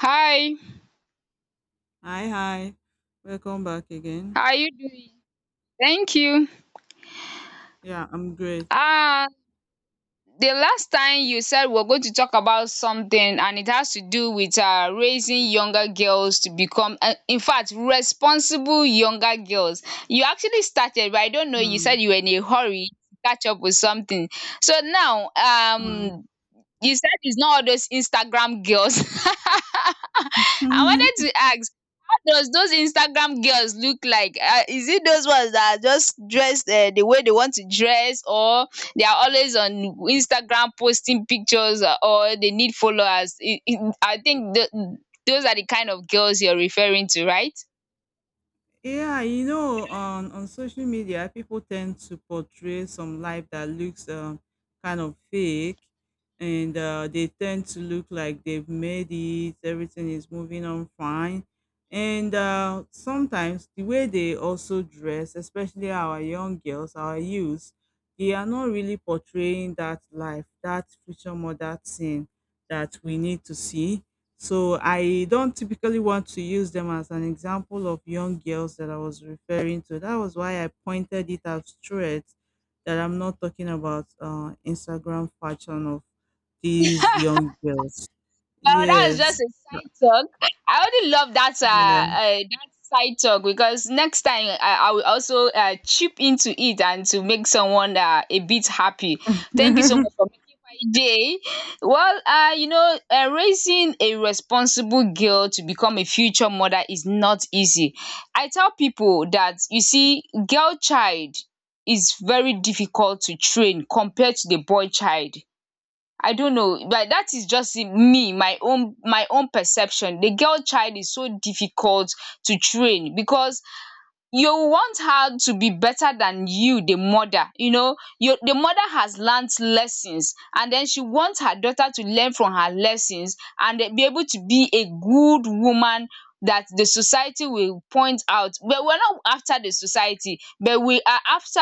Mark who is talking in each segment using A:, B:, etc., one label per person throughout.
A: Hi,
B: Hi, hi. Welcome back again.
A: how are you doing? Thank you.
B: Yeah, I'm great.
A: Uh, the last time you said we're going to talk about something, and it has to do with raising younger girls to become, in fact, responsible younger girls. You actually started, but I don't know. You
B: Mm,
A: said you were in a hurry to catch up with something. So now, you said it's not all those Instagram girls. I
B: mm.
A: wanted to ask. How does those Instagram girls look like? Is it those ones that are just dressed the way they want to dress, or they are always on Instagram posting pictures, or they need followers? I think those are the kind of girls you're referring to, right?
B: Yeah, you know, on social media, people tend to portray some life that looks kind of fake, and they tend to look like they've made it. Everything is moving on fine, and sometimes the way they also dress, especially our young girls, our youths, they are not really portraying that life, that future mother thing that we need to see, so I don't typically want to use them as an example of young girls that I was referring to. That was why I pointed it out straight, that I'm not talking about Instagram fashion of these young girls.
A: Well, that was
B: Yes.
A: just a side talk. I only love that
B: Yeah.
A: that side talk because next time I will also chip into it and to make someone a bit happy. Thank you so much for making my day. Well, raising a responsible girl to become a future mother is not easy. I tell people that you see, girl child is very difficult to train compared to the boy child. I don't know, but that is just me, my own perception. The girl child is so difficult to train because you want her to be better than you, the mother. You know, you the mother has learned lessons, and then she wants her daughter to learn from her lessons and then be able to be a good woman that the society will point out. But we're not after the society, but we are after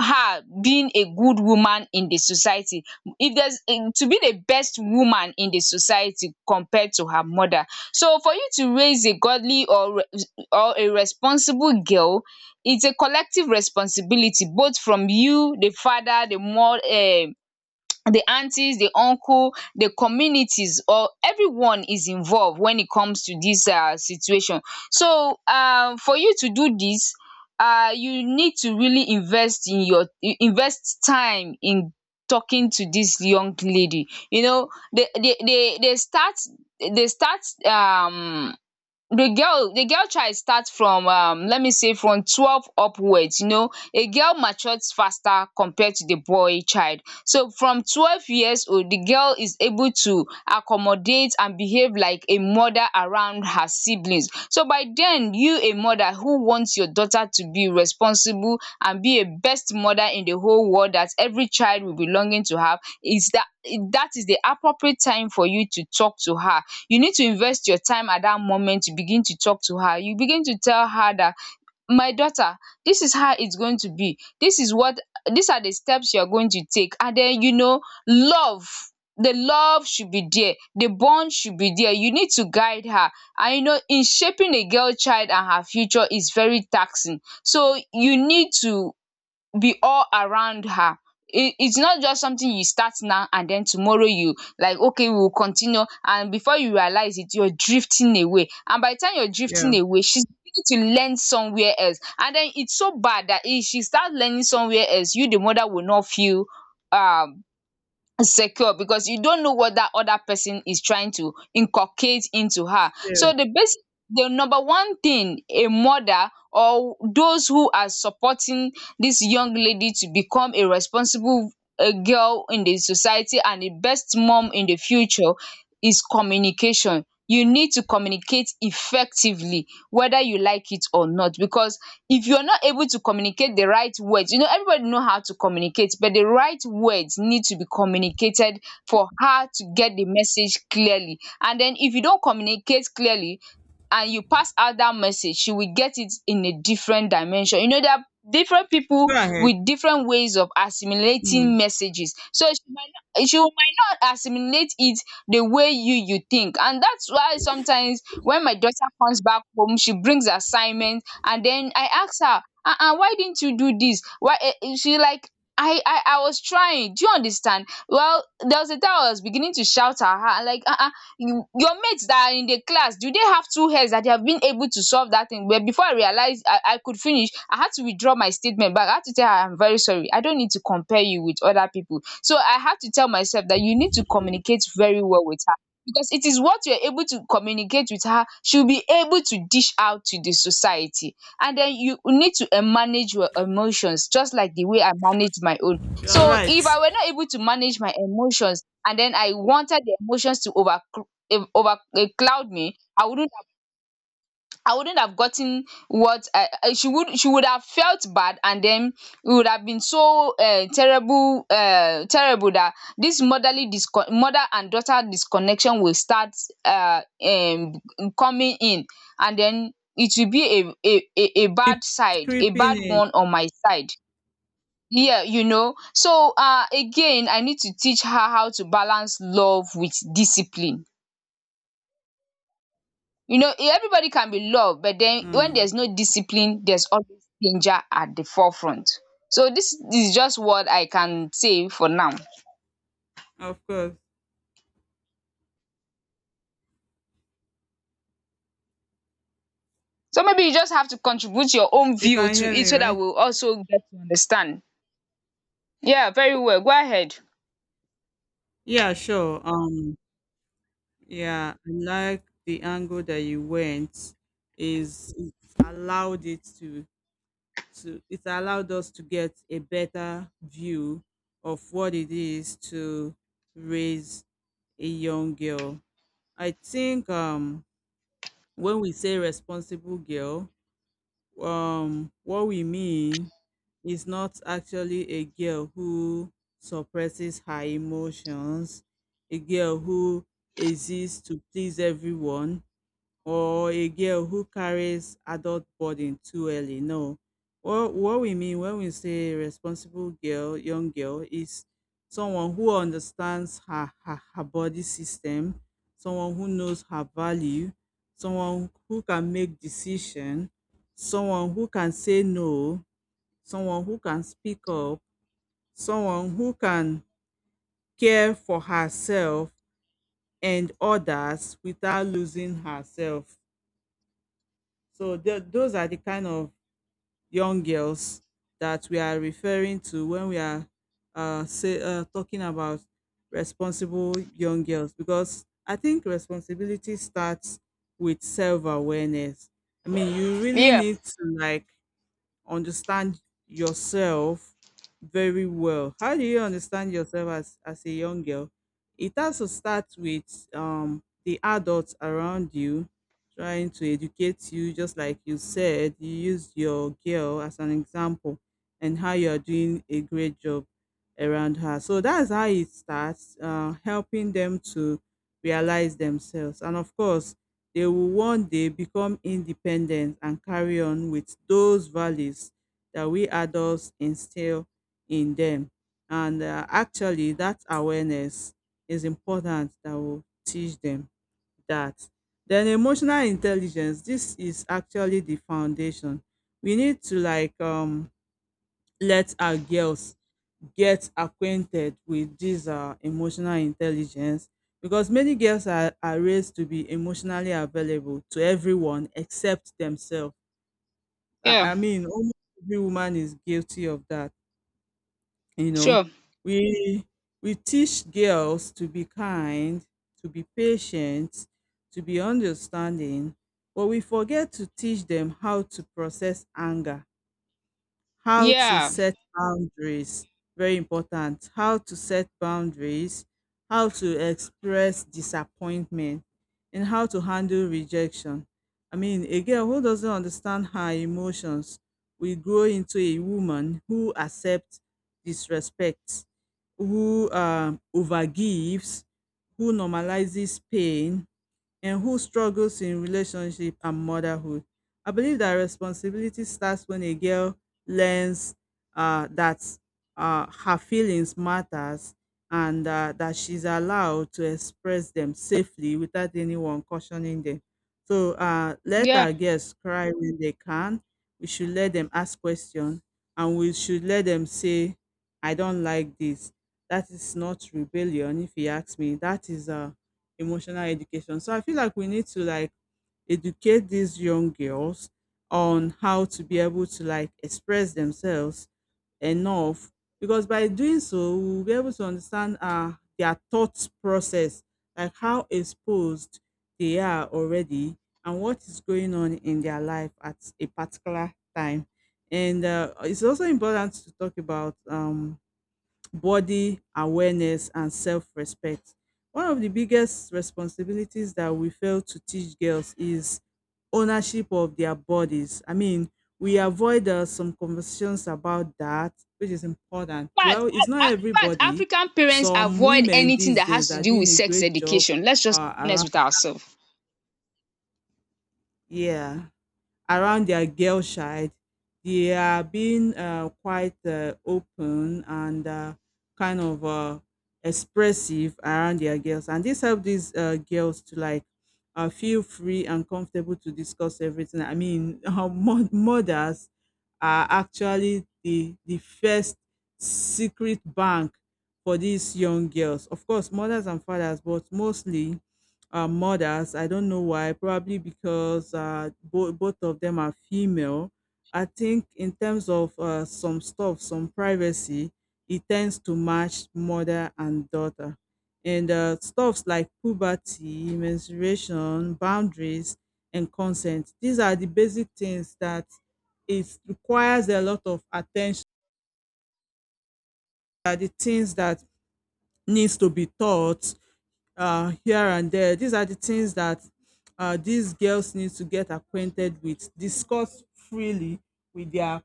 A: her being a good woman in the society, if there's eh, to be the best woman in the society compared to her mother. So for you to raise a godly or a responsible girl, it's a collective responsibility, both from you, the father, the aunties, the uncle, the communities, or everyone is involved when it comes to this situation. So for you to do this, you need to really invest time in talking to this young lady, you know. they they they they start they start um the girl the girl child start from let me say from 12 upwards. You know, a girl matures faster compared to the boy child, so from 12 years old the girl is able to accommodate and behave like a mother around her siblings. So by then, you, a mother who wants your daughter to be responsible and be a best mother in the whole world that every child will be longing to have, is that is the appropriate time for you to talk to her. You need to invest your time at that moment. You begin to talk to her, you begin to tell her that, my daughter, this is how it's going to be, this is what these are the steps you're going to take. And then, you know, love The love should be there, the bond should be there. You need to guide her, and you know, in shaping a girl child and her future is very taxing, so you need to be all around her. It's not just something you start now, and then tomorrow you like, okay, we will continue, and before you realize it, you're drifting away. And by the time you're
B: Yeah.
A: drifting away, she's beginning to learn somewhere else, and then it's so bad that if she starts learning somewhere else, you the mother will not feel um secure, because you don't know what that other person is trying to inculcate into her. So
B: So,
A: the number one thing a mother or those who are supporting this young lady to become a responsible, a girl in the society and the best mom in the future, is communication. You need to communicate effectively, whether you like it or not, because if you're not able to communicate the right words, you know, everybody know how to communicate, but the right words need to be communicated for her to get the message clearly. And then if you don't communicate clearly and you pass out that message, she will get it in a different dimension. You know, there are different people
B: go ahead.
A: with different ways of assimilating
B: Mm.
A: messages, so she might you might not assimilate it the way you think. And that's why sometimes when my daughter comes back home, she brings assignment, and then I ask her, ah, ah, why didn't you do this, she like, I was trying. Do you understand? Well, there was a time I was beginning to shout at her, like, your mates that are in the class, do they have two heads that they have been able to solve that thing? But before I realized I could finish, I had to withdraw my statement back. I had to tell her, I'm very sorry. I don't need to compare you with other people. So I have to tell myself that you need to communicate very well with her, because it is what you're able to communicate with her she'll be able to dish out to the society. And then you need to eh, manage your emotions, just like the way I manage my own.
B: You're all
A: So if
B: right.
A: I were not able to manage my emotions and then I wanted the emotions to cloud me, I wouldn't have gotten what she would have felt bad, and then it would have been so terrible that this mother and daughter disconnection will start um um coming in, and then it will be
B: Keep
A: a
B: creeping
A: bad
B: in.
A: one on my side. Yeah, you know, so again, I need to teach her how to balance love with discipline. You know, eh, everybody can be loved, but then when
B: Mm.
A: there's no discipline, there's always danger at the forefront. So this is just what I can say for now.
B: Of course.
A: So maybe you just have to contribute your own
B: You
A: view
B: can
A: to
B: hear
A: it
B: me,
A: so that
B: right?
A: we'll also get to understand. Yeah, very well, go ahead.
B: Yeah, sure. Yeah, I like the angle that you went. Is it allowed it to it allowed us to get a better view of what it is to raise a young girl. I think when we say responsible girl, what we mean is not actually a girl who suppresses her emotions, a girl who exists to please everyone, or a girl who carries adult burden too early. No. What we mean when we say responsible girl, young girl, is someone who understands her body system, someone who knows her value, someone who can make decision, someone who can say no, someone who can speak up, someone who can care for herself and others without losing herself. So those are the kind of young girls that we are referring to when we are talking about responsible young girls, because I think responsibility starts with self awareness. I mean, you really
A: Yeah,
B: need to like understand yourself very well. How do you understand yourself as, a young girl? It has to start with the adults around you trying to educate you, just like you said, you used your girl as an example and how you are doing a great job around her. So that's how it starts, helping them to realize themselves. And of course, they will one day become independent and carry on with those values that we adults instill in them. And actually, that awareness is important, that will teach them that. Then, emotional intelligence, this is actually the foundation. We need to like let our girls get acquainted with this emotional intelligence, because many girls are raised to be emotionally available to everyone except themselves.
A: yeah,
B: I mean, almost every woman is guilty of that. You know,
A: sure,
B: we we teach girls to be kind, to be patient, to be understanding, but we forget to teach them how to process anger, how to
A: yeah,
B: set boundaries, very important. How to set boundaries, how to express disappointment, and how to handle rejection. I mean, a girl who doesn't understand her emotions will grow into a woman who accepts disrespect, who overgives, who normalizes pain, and who struggles in relationship and motherhood. I believe that responsibility starts when a girl learns that her feelings matters and that she's allowed to express them safely without anyone cautioning them. So let
A: yeah, in
B: our girls cry when they can. We should let them ask questions, and we should let them say, "I don't like this." That is not rebellion, if you ask me. That is emotional education. So I feel like we need to like educate these young girls on how to be able to like express themselves enough, because by doing so we'll be able to understand their thought process, like how exposed they are already and what is going on in their life at a particular time. And it's also important to talk about body awareness and self-respect. One of the biggest responsibilities that we fail to teach girls is ownership of their bodies. I mean, we avoid some conversations about that, which is important.
A: fact,
B: Well, it's not
A: in fact,
B: everybody.
A: African parents
B: Some
A: avoid
B: women
A: anything
B: these
A: that
B: days
A: has to
B: are
A: do
B: doing
A: with
B: a
A: sex
B: great job
A: education. Let's just be honest
B: around.
A: with ourselves.
B: Yeah. Around their girl child, they are being quite open and kind of uh, expressive around their girls. And this helps these girls to like feel free and comfortable to discuss everything. I mean, mothers are actually the first secret bank for these young girls. Of course, mothers and fathers, but mostly mothers. I don't know why. Probably because both of them are female. I think in terms of some stuff, some privacy, it tends to match mother and daughter. And stuffs like puberty, menstruation, boundaries, and consent. These are the basic things that it requires a lot of attention. Are the things that needs to be taught here and there. These are the things that these girls need to get acquainted with. Discuss freely with their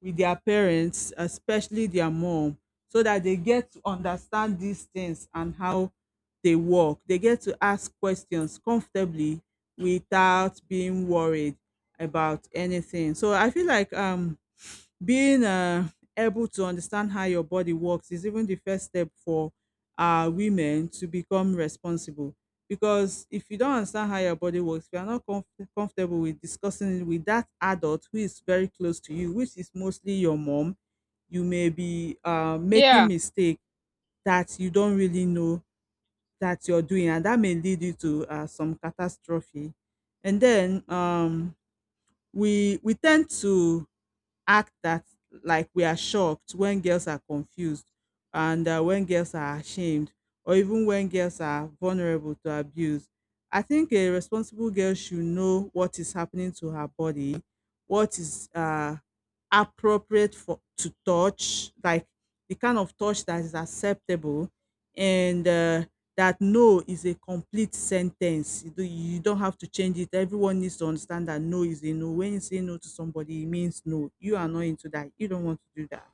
B: with their parents, especially their mom, so that they get to understand these things and how they work. They get to ask questions comfortably without being worried about anything. So I feel like being able to understand how your body works is even the first step for women to become responsible, because if you don't understand how your body works, if you are not comfortable with discussing it with that adult who is very close to you, which is mostly your mom, you may be making
A: Yeah,
B: mistake that you don't really know that you're doing, and that may lead you to some catastrophe. And then we tend to act that like we are shocked when girls are confused, and when girls are ashamed or even when girls are vulnerable to abuse. I think a responsible girl should know what is happening to her body, what is appropriate for to touch, like the kind of touch that is acceptable, and that no is a complete sentence. You don't have to change it. Everyone needs to understand that no is a no. When you say no to somebody, it means no. You are not into that. You don't want to do that,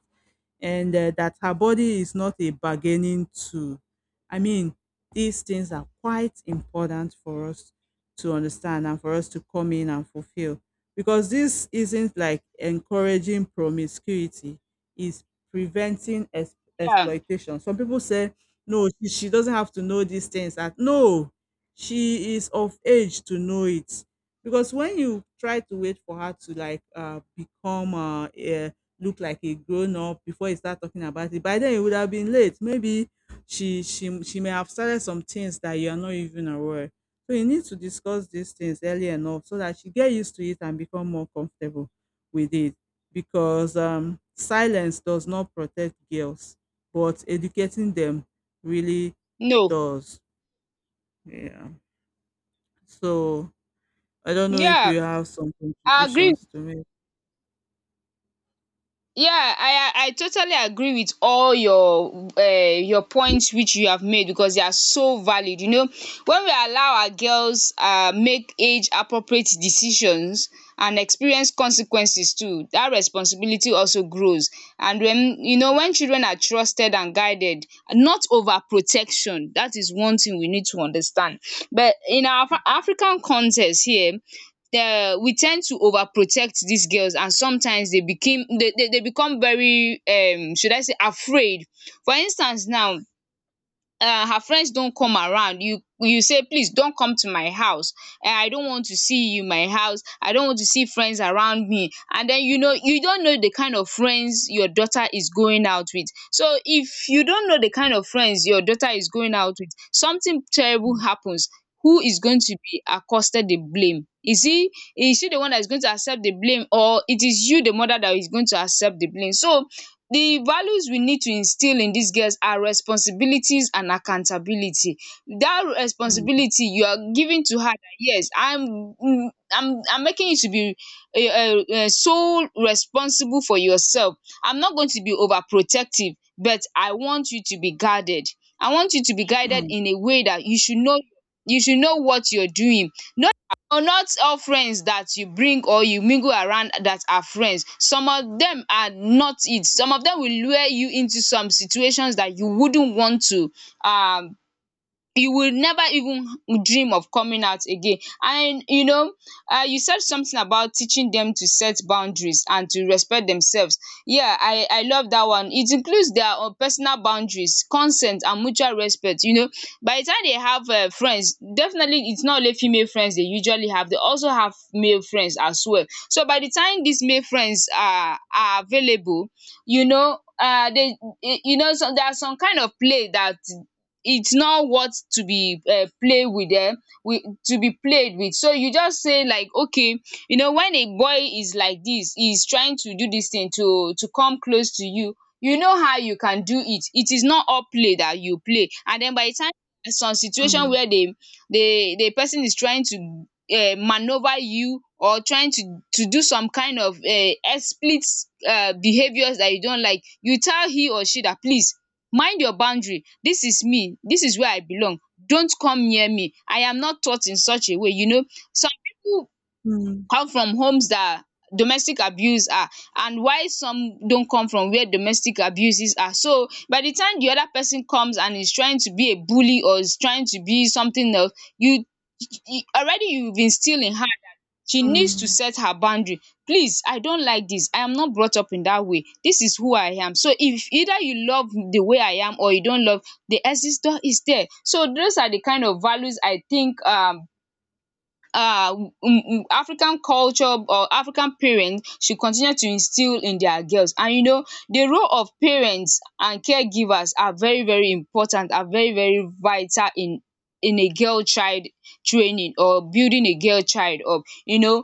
B: and that her body is not a bargaining tool. I mean, these things are quite important for us to understand and for us to come in and fulfill, because this isn't like encouraging promiscuity, it's preventing
A: yeah,
B: exploitation. Some people say, no, she doesn't have to know these things. That, no, she is of age to know it. Because when you try to wait for her to like become a look like a grown up before you start talking about it. By then it would have been late. Maybe she may have started some things that you are not even aware. So you need to discuss these things early enough so that she get used to it and become more comfortable with it. Because silence does not protect girls, but educating them really
A: no,
B: does. Yeah. So I don't know if
A: yeah,
B: you have some
A: I agree.
B: contributions to make.
A: Yeah, I totally agree with all your points which you have made, because they are so valid. You know, when we allow our girls make age appropriate decisions and experience consequences too, that responsibility also grows. And when you know, when children are trusted and guided, not over protection, dat one thing we need to understand. But in our African context here, we ten d to overprotect these girls, and sometimes they became they become very should I say afraid. For instance now, her friends don come around, you say please don come to my house, I don want to see you in my house, I don want to see friends around me. And den, you know, you don't know the kind of friends your daughter is going out with. So if you don't know the kind of friends your daughter is going out with, something terrible happens. Who is going to be accosted? The blame is, he is she the one that is going to accept the blame, or it is you the mother that is going to accept the blame? So the values we need to instill in these girls are responsibilities and accountability. That
B: Mm,
A: responsibility you are giving to her, that yes, I'm mm, I'm making you to be sole responsible for yourself. I'm not going to be overprotective, but I want you to be guarded. I want you to be guided
B: mm,
A: in a way that you should know, what you're doing. No, or not all friends that you bring or you mingle around that are friends. Some of them are not it. Some of them will lure you into some situations that you wouldn't want to. um you will never even dream of coming out again. And you said something about teaching them to set boundaries and to respect themselves. Yeah, I love that one. It includes their own personal boundaries, consent and mutual respect. By the time they have friends, definitely it's not only female friends they usually have, they also have male friends as well. So by the time these male friends are available, they, so there are some kind of play that it's not what to be, play with them, with to be played with. So you just say like, okay, when a boy is like this, he's trying to do this thing to come close to you, you know how you can do it. It is not all play that you play. And then by the time there's some situation
B: mm,
A: where the person is trying to manoeuvre you, or trying to do some kind of explicit behaviours that you don't like, you tell he or she that, please mind your boundary. This is me, this is where I belong. Don't come near me, I am not taught in such a way. Some people
B: mm,
A: come from homes that domestic abuse are, and why some don't come from where domestic abuses are. So by the time the other person comes and is trying to be a bully or is trying to be something else, already you've instilled in her that she needs to
B: mm,
A: set her boundary. Please, I don't like this. I am not brought up in that way. This is who I am. So if either you love the way I am or you don't love, the exit door is there. So those are the kind of values I think, African culture or African parents should continue to instill in their girls. And you know, the role of parents and caregivers are very, very important, are very, very vital in a girl child training or building a girl child up. You know,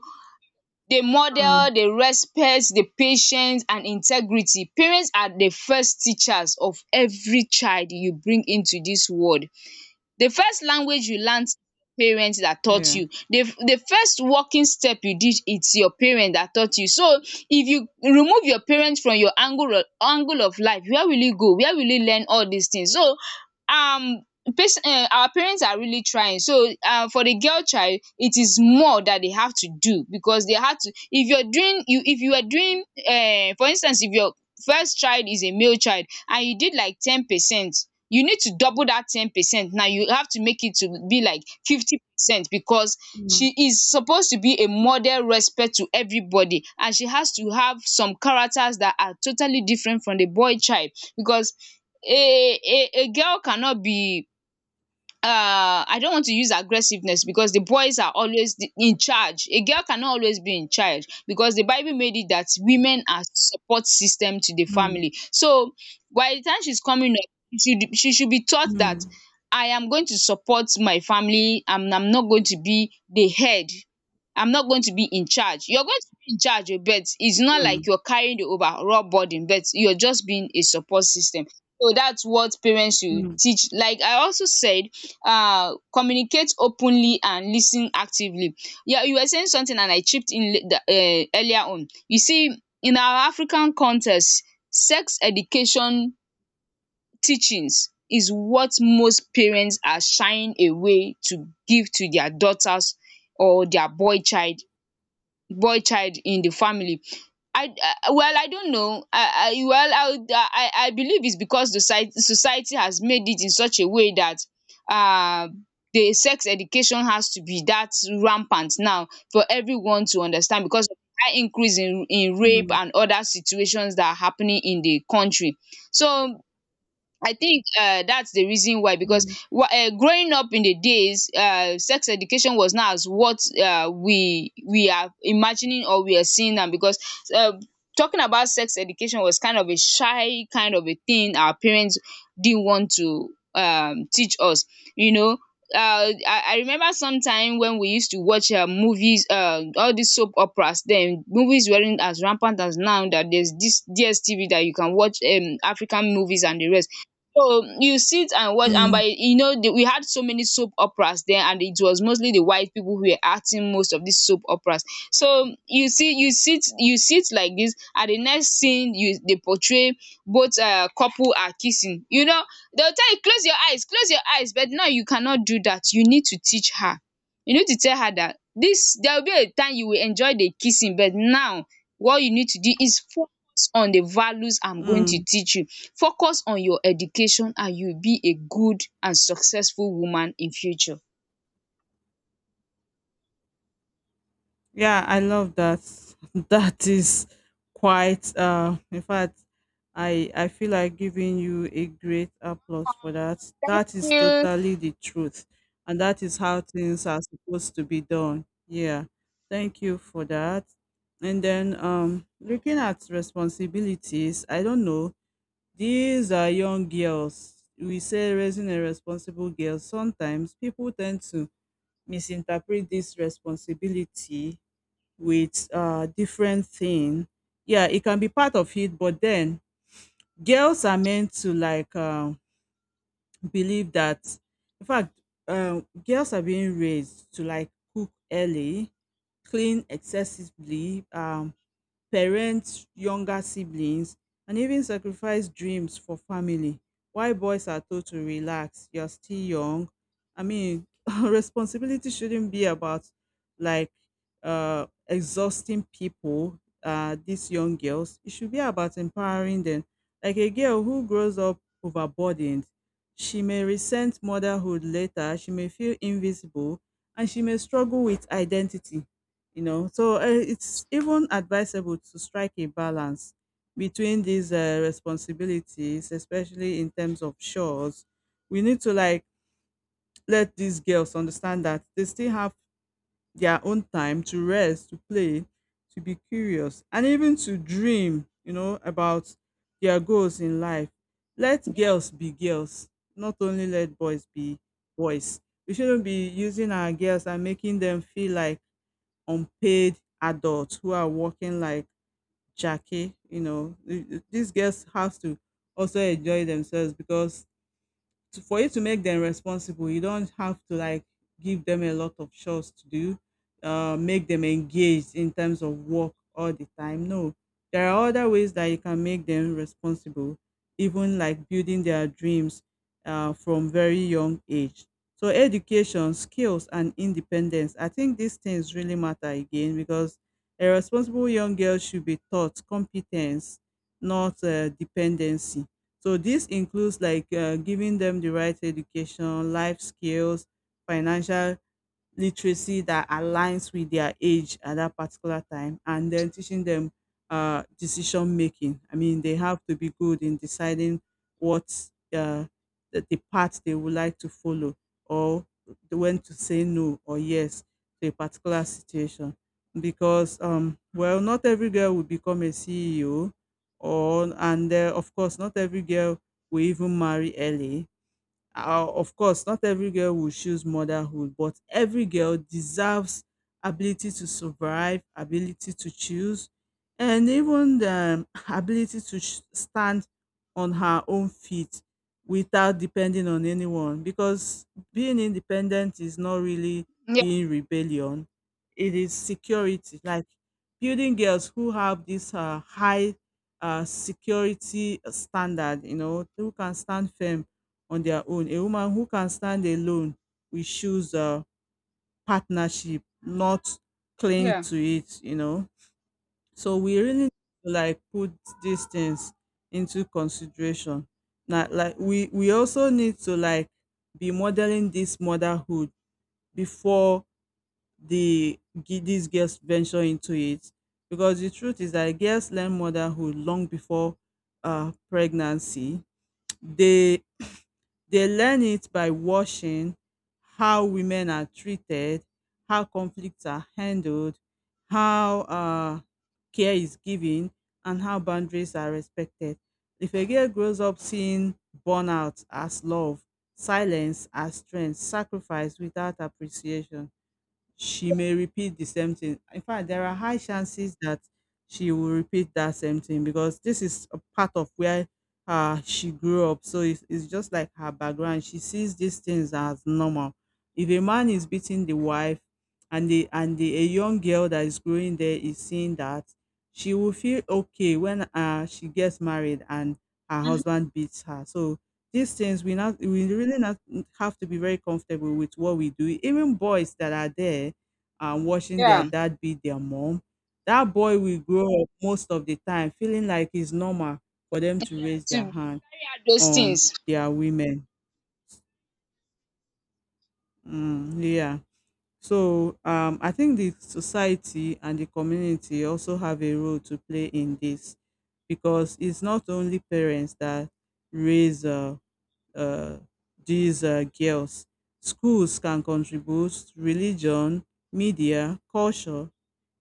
A: they
B: mm,
A: model, they respect, the patience and integrity. Parents are the first teachers of every child you bring into this world. The first language you learnt, parents that taught
B: Yeah.
A: you. The first walking step you did, it's your parent that taught you. So if you remove your parents from your angle of life, where will you go? Where will you learn all these things? So um person, our parents are really trying. So for the girl child it is more that they have to do, because they have to. If you're doing you if you are doing, for instance, if your first child is a male child and you did like 10%, you need to double that 10%. Now you have to make it to be like 50%, because
B: Mm,
A: she is supposed to be a model respect to everybody, and she has to have some characters that are totally different from the boy child. Because a a girl cannot be, I don't want to use aggressiveness, because the boys are always in charge. A girl cannot always be in charge, because the Bible made it that women are support system to the
B: mm,
A: family. So by the time she's coming up, she should be taught that,
B: mm,
A: I am going to support my family. I'm not going to be the head. I'm not going to be in charge. You're going to be in charge, oh, but it's not like
B: mm,
A: you're carrying the overall burden, but you're just being a support system. So that's what parents should
B: mm,
A: teach. Like I also said, communicate openly and listen actively. Yeah, you were saying something and I chipped in, earlier on, you see. In our african context, sex education teachings is what most parents are shying away to give to their daughters, or their boy child, in the family. I, well, I don't know. I well, I would, I believe it's because the society has made it in such a way that, um the sex education has to be that rampant now for everyone to understand, because of the high increase in rape
B: mm,
A: and other situations that are happening in the country. So I think, that's the reason why. Because,
B: mm,
A: growing up in the days, sex education was not as what we are imagining or we are seeing now. Because uh, talking about sex education was kind of a shy kind of a thing our parents didn't want to, teach us. You know, I, I remember sometime when we used to watch movies, all these soap operas. Then movies weren't as rampant as now. That there's this DSTV that you can watch, African movies and the rest. So you sit and watch, and
B: mm,
A: by you know, the we had so many soap operas then, and it was mostly the white people who were acting most of these soap operas. So you see, you sit like this and the next scene, you they portray both, couple are kissing. You know, they will tell you, close your eyes, close your eyes, but now you cannot do that. You need to teach her. You need to tell her that, this there will be a time you will enjoy the kissing, but now what you need to do is focus on the values I'm going to
B: mm.
A: teach you. Focus on your education and you will be a good and successful woman in future.
B: Yeah, I love that. That is quite in fact I feel like giving you a great applause for that. That is
A: Yeah,
B: totally the truth. And that is how things are supposed to be done. Yeah. Thank you for that. And then looking at responsibilities, I don't know. These are young girls. We say raising a responsible girl. Sometimes people tend to misinterpret this responsibility with different thing. Yeah, it can be part of it, but then girls are meant to like believe that, in fact, girls are being raised to like cook early, clean excessively, parent younger siblings, and even sacrifice dreams for family. Why boys are told to relax, you're still young. I mean, responsibility shouldn't be about like exhausting people, these young girls. It should be about empowering them. Like a girl who grows up overburdened, she may resent motherhood later, she may feel invisible, and she may struggle with identity. You know, so it's even advisable to strike a balance between these responsibilities, especially in terms of chores. We need to like let these girls understand that they still have their own time to rest, to play, to be curious, and even to dream, you know, about their goals in life. Let girls be girls, not only let boys be boys. We shouldn't be using our girls and making them feel like unpaid adults who are working like Jackie. You know, these girls have to also enjoy themselves because for you to make them responsible, you don't have to, like, give them a lot of chores to do, make them engaged in terms of work all the time. No, there are other ways that you can make them responsible, even like building their dreams from very young age. So education, skills, and independence. I think these things really matter again because a responsible young girl should be taught competence, not dependency. So this includes like giving them the right education, life skills, financial literacy that aligns with their age at that particular time, and then teaching them decision making. I mean, they have to be good in deciding what uh, the path they would like to follow, or when to say no or yes to a particular situation. Because, well, not every girl will become a CEO, or and of course, not every girl will even marry early, of course not every girl will choose motherhood, but every girl deserves ability to survive, ability to choose, and even the ability to stand on her own feet without depending on anyone, because being independent is not really
A: yeah,
B: being rebellion. It is security, like building girls who have this high security standard, you know, who can stand firm on their own. A woman who can stand alone will choose partnership, not cling
A: yeah,
B: to it, you know. So we really need to, like, put these things into consideration. Not like, we also need to, like, be modeling this motherhood before these girls venture into it, because the truth is that girls learn motherhood long before pregnancy. they They learn it by watching how women are treated, how conflicts are handled, how care is given, and how boundaries are respected. If a girl grows up seeing burnout as love, silence as strength, sacrifice without appreciation, she may repeat the same thing. In fact, there are high chances that she will repeat that same thing because this is a part of where she grew up. So it's just like her background. She sees these things as normal. If a man is beating the wife, and the a young girl that is growing there is seeing that, she will feel okay when she gets married and her
A: mhm,
B: husband beats her. So these things, we not we really not, have to be very comfortable with what we do. Even boys that are there and watching their
A: yeah.
B: dad beat their mom, that boy will grow up most of the time feeling like it's normal for them to raise
A: To
B: their
A: carry
B: hand
A: out those
B: on
A: things.
B: their women. Mm, yeah. So I think the society and the community also have a role to play in this, because it's not only parents that raise uh, these girls. Schools can contribute, religion, media, culture,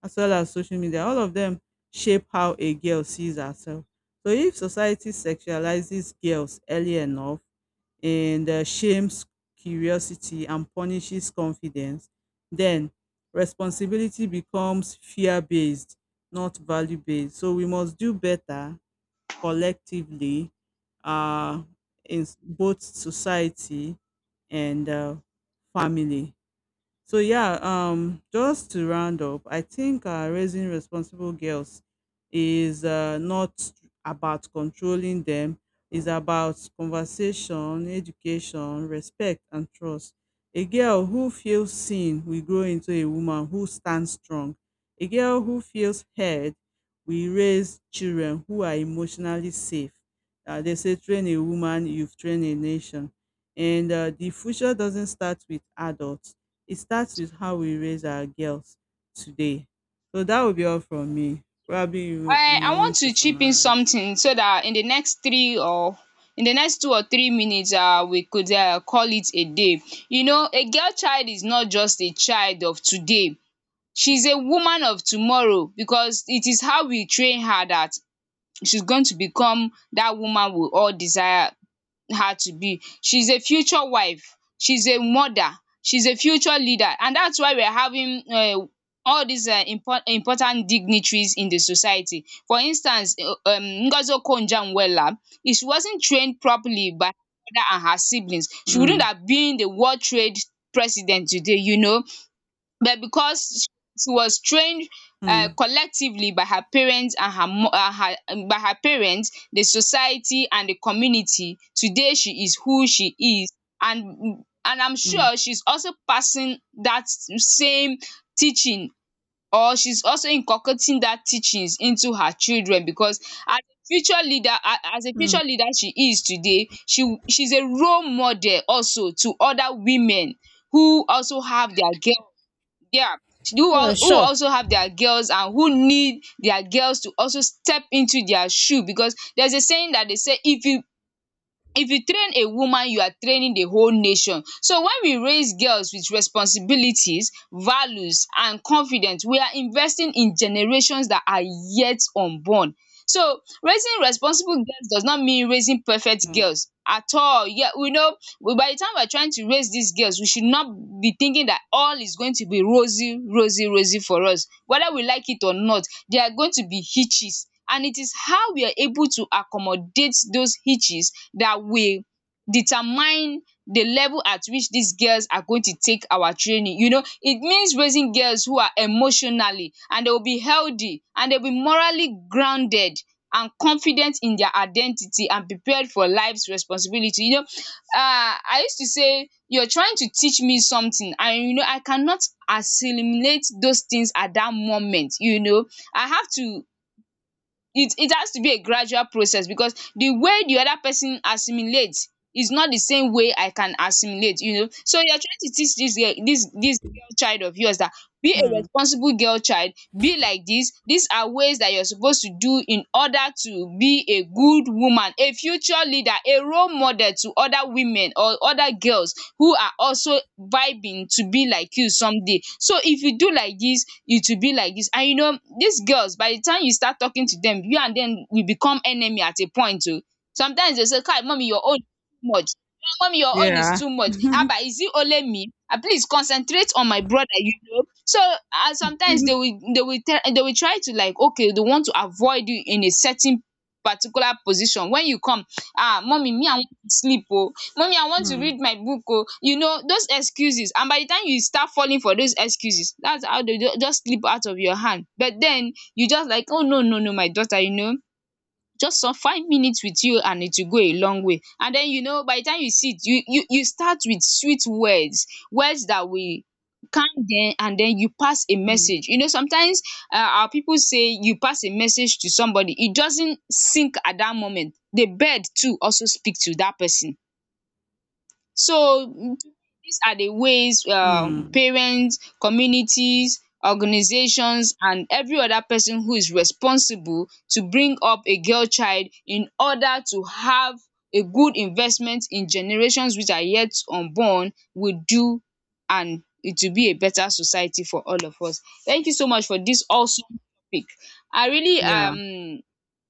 B: as well as social media. All of them shape how a girl sees herself. So if society sexualizes girls early enough and shames curiosity and punishes confidence, then responsibility becomes fear based, not value based. So we must do better collectively, uh, in both society and family. So yeah, just to round up, I think raising responsible girls is, not about controlling them. It's about conversation, education, respect, and trust. A girl who feels seen will grow into a woman who stands strong. A girl who feels heard will raise children who are emotionally safe. They say, train a woman, you've trained a nation. And the future doesn't start with adults, it starts with how we raise our girls today. So that will be all from me. Probably you
A: I
B: may
A: I
B: want
A: want
B: to
A: to chip in
B: summarize.
A: something so that in the next three or in the next 2 or 3 minutes, we could, call it a day. You know, a girl child is not just a child of today, she's a woman of tomorrow, because it is how we train her that she's going to become that woman we all desire her to be. She's a future wife, she's a mother, she's a future leader. And that's why we're having, all these, important dignitaries in the society. For instance, Ngozi Okonjo-Iweala, if she wasn't trained properly by her mother and her siblings, she wouldn't
B: Mm,
A: have been the world trade president today. But because she was trained,
B: mm,
A: collectively by her parents, and her mo and her by her parents, the society and the community. Today she is who she is. And I'm
B: mm,
A: sure she's also passing that same teaching, or she's also inculcating that teachings into her children. Because as a future leader, as a future
B: mm.
A: leader she is today, she's a role model also to other women who also have their girl. Yeah,
B: Yeah,
A: who
B: sure.
A: also have their girls and who need their girls to also step into their shoe. Because there's a saying that they say, if you train a woman, you are training the whole nation. So when we raise girls with responsibilities, values and confidence, we are investing in generations that are yet unborn. So raising responsible girls does not mean raising perfect
B: Mm,
A: girls at all. Yeah, we know, by the time we're trying to raise these girls, we should not be thinking that all is going to be rosy, rosy, rosy for us. Whether we like it or not, there are going to be hitches. And it is how we are able to accommodate those hitches that will determine the level at which these girls are going to take our training. You know, it means raising girls who are emotionally, and they will be healthy, and they'll be morally grounded and confident in their identity and prepared for life's responsibility. You know, I used to say, you're trying to teach me something and you know I cannot assimilate those things at that moment. I have to, it has to be a gradual process, because the way the other person assimilates is not the same way I can assimilate. You know, so you're trying to teach this girl, this girl child of yours that, be a
B: mm.
A: responsible girl child. Be like this. These are ways that you're supposed to do in order to be a good woman, a future leader, a role model to other women or other girls who are also vibing to be like you someday. So if you do like this, you will be like this. And you know, these girls, by the time you start talking to them, you and them will become enemy at a point, o. Sometimes they say, kai, mummy, your own is too much. Mom, your own is
B: Yeah.
A: too much. Haba, is it only me? Ah, please concentrate on my brother. So, sometimes
B: Mm,
A: they will try to, like, okay, they want to avoid you in a certain particular position. When you come, ah, mommy, me I want to sleep, oh. Mommy, I want to read my book, oh. You know those excuses, and by the time you start falling for those excuses, that's how they just slip out of your hand. But then you just like, oh no no no, my daughter, just some 5 minutes with you and it will go a long way. And then you know, by the time you sit, you start with sweet words that will calm them, and then you pass a
B: mm,
A: message. Sometimes, our people say, you pass a message to somebody, it doesn't sink at that moment, the bird too also speak to that person. So, these are the ways,
B: mm.
A: parents, communities, organizations and every other person who is responsible to bring up a girl child, in order to have a good investment in generations which are yet unborn, will do. And it will be a better society for all of us. Thank you so much for this awesome topic. I really,
B: Yeah.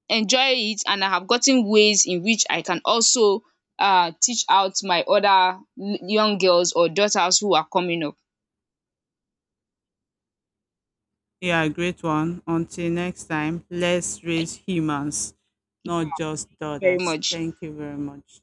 A: enjoy it, and I have gotten ways in which I can also, teach out my other young girls or daughters who are coming up.
B: Yeah, great one. Until next time, let's
A: Thank
B: raise humans, not just
A: you very
B: daughters.
A: much.
B: Thank you very much.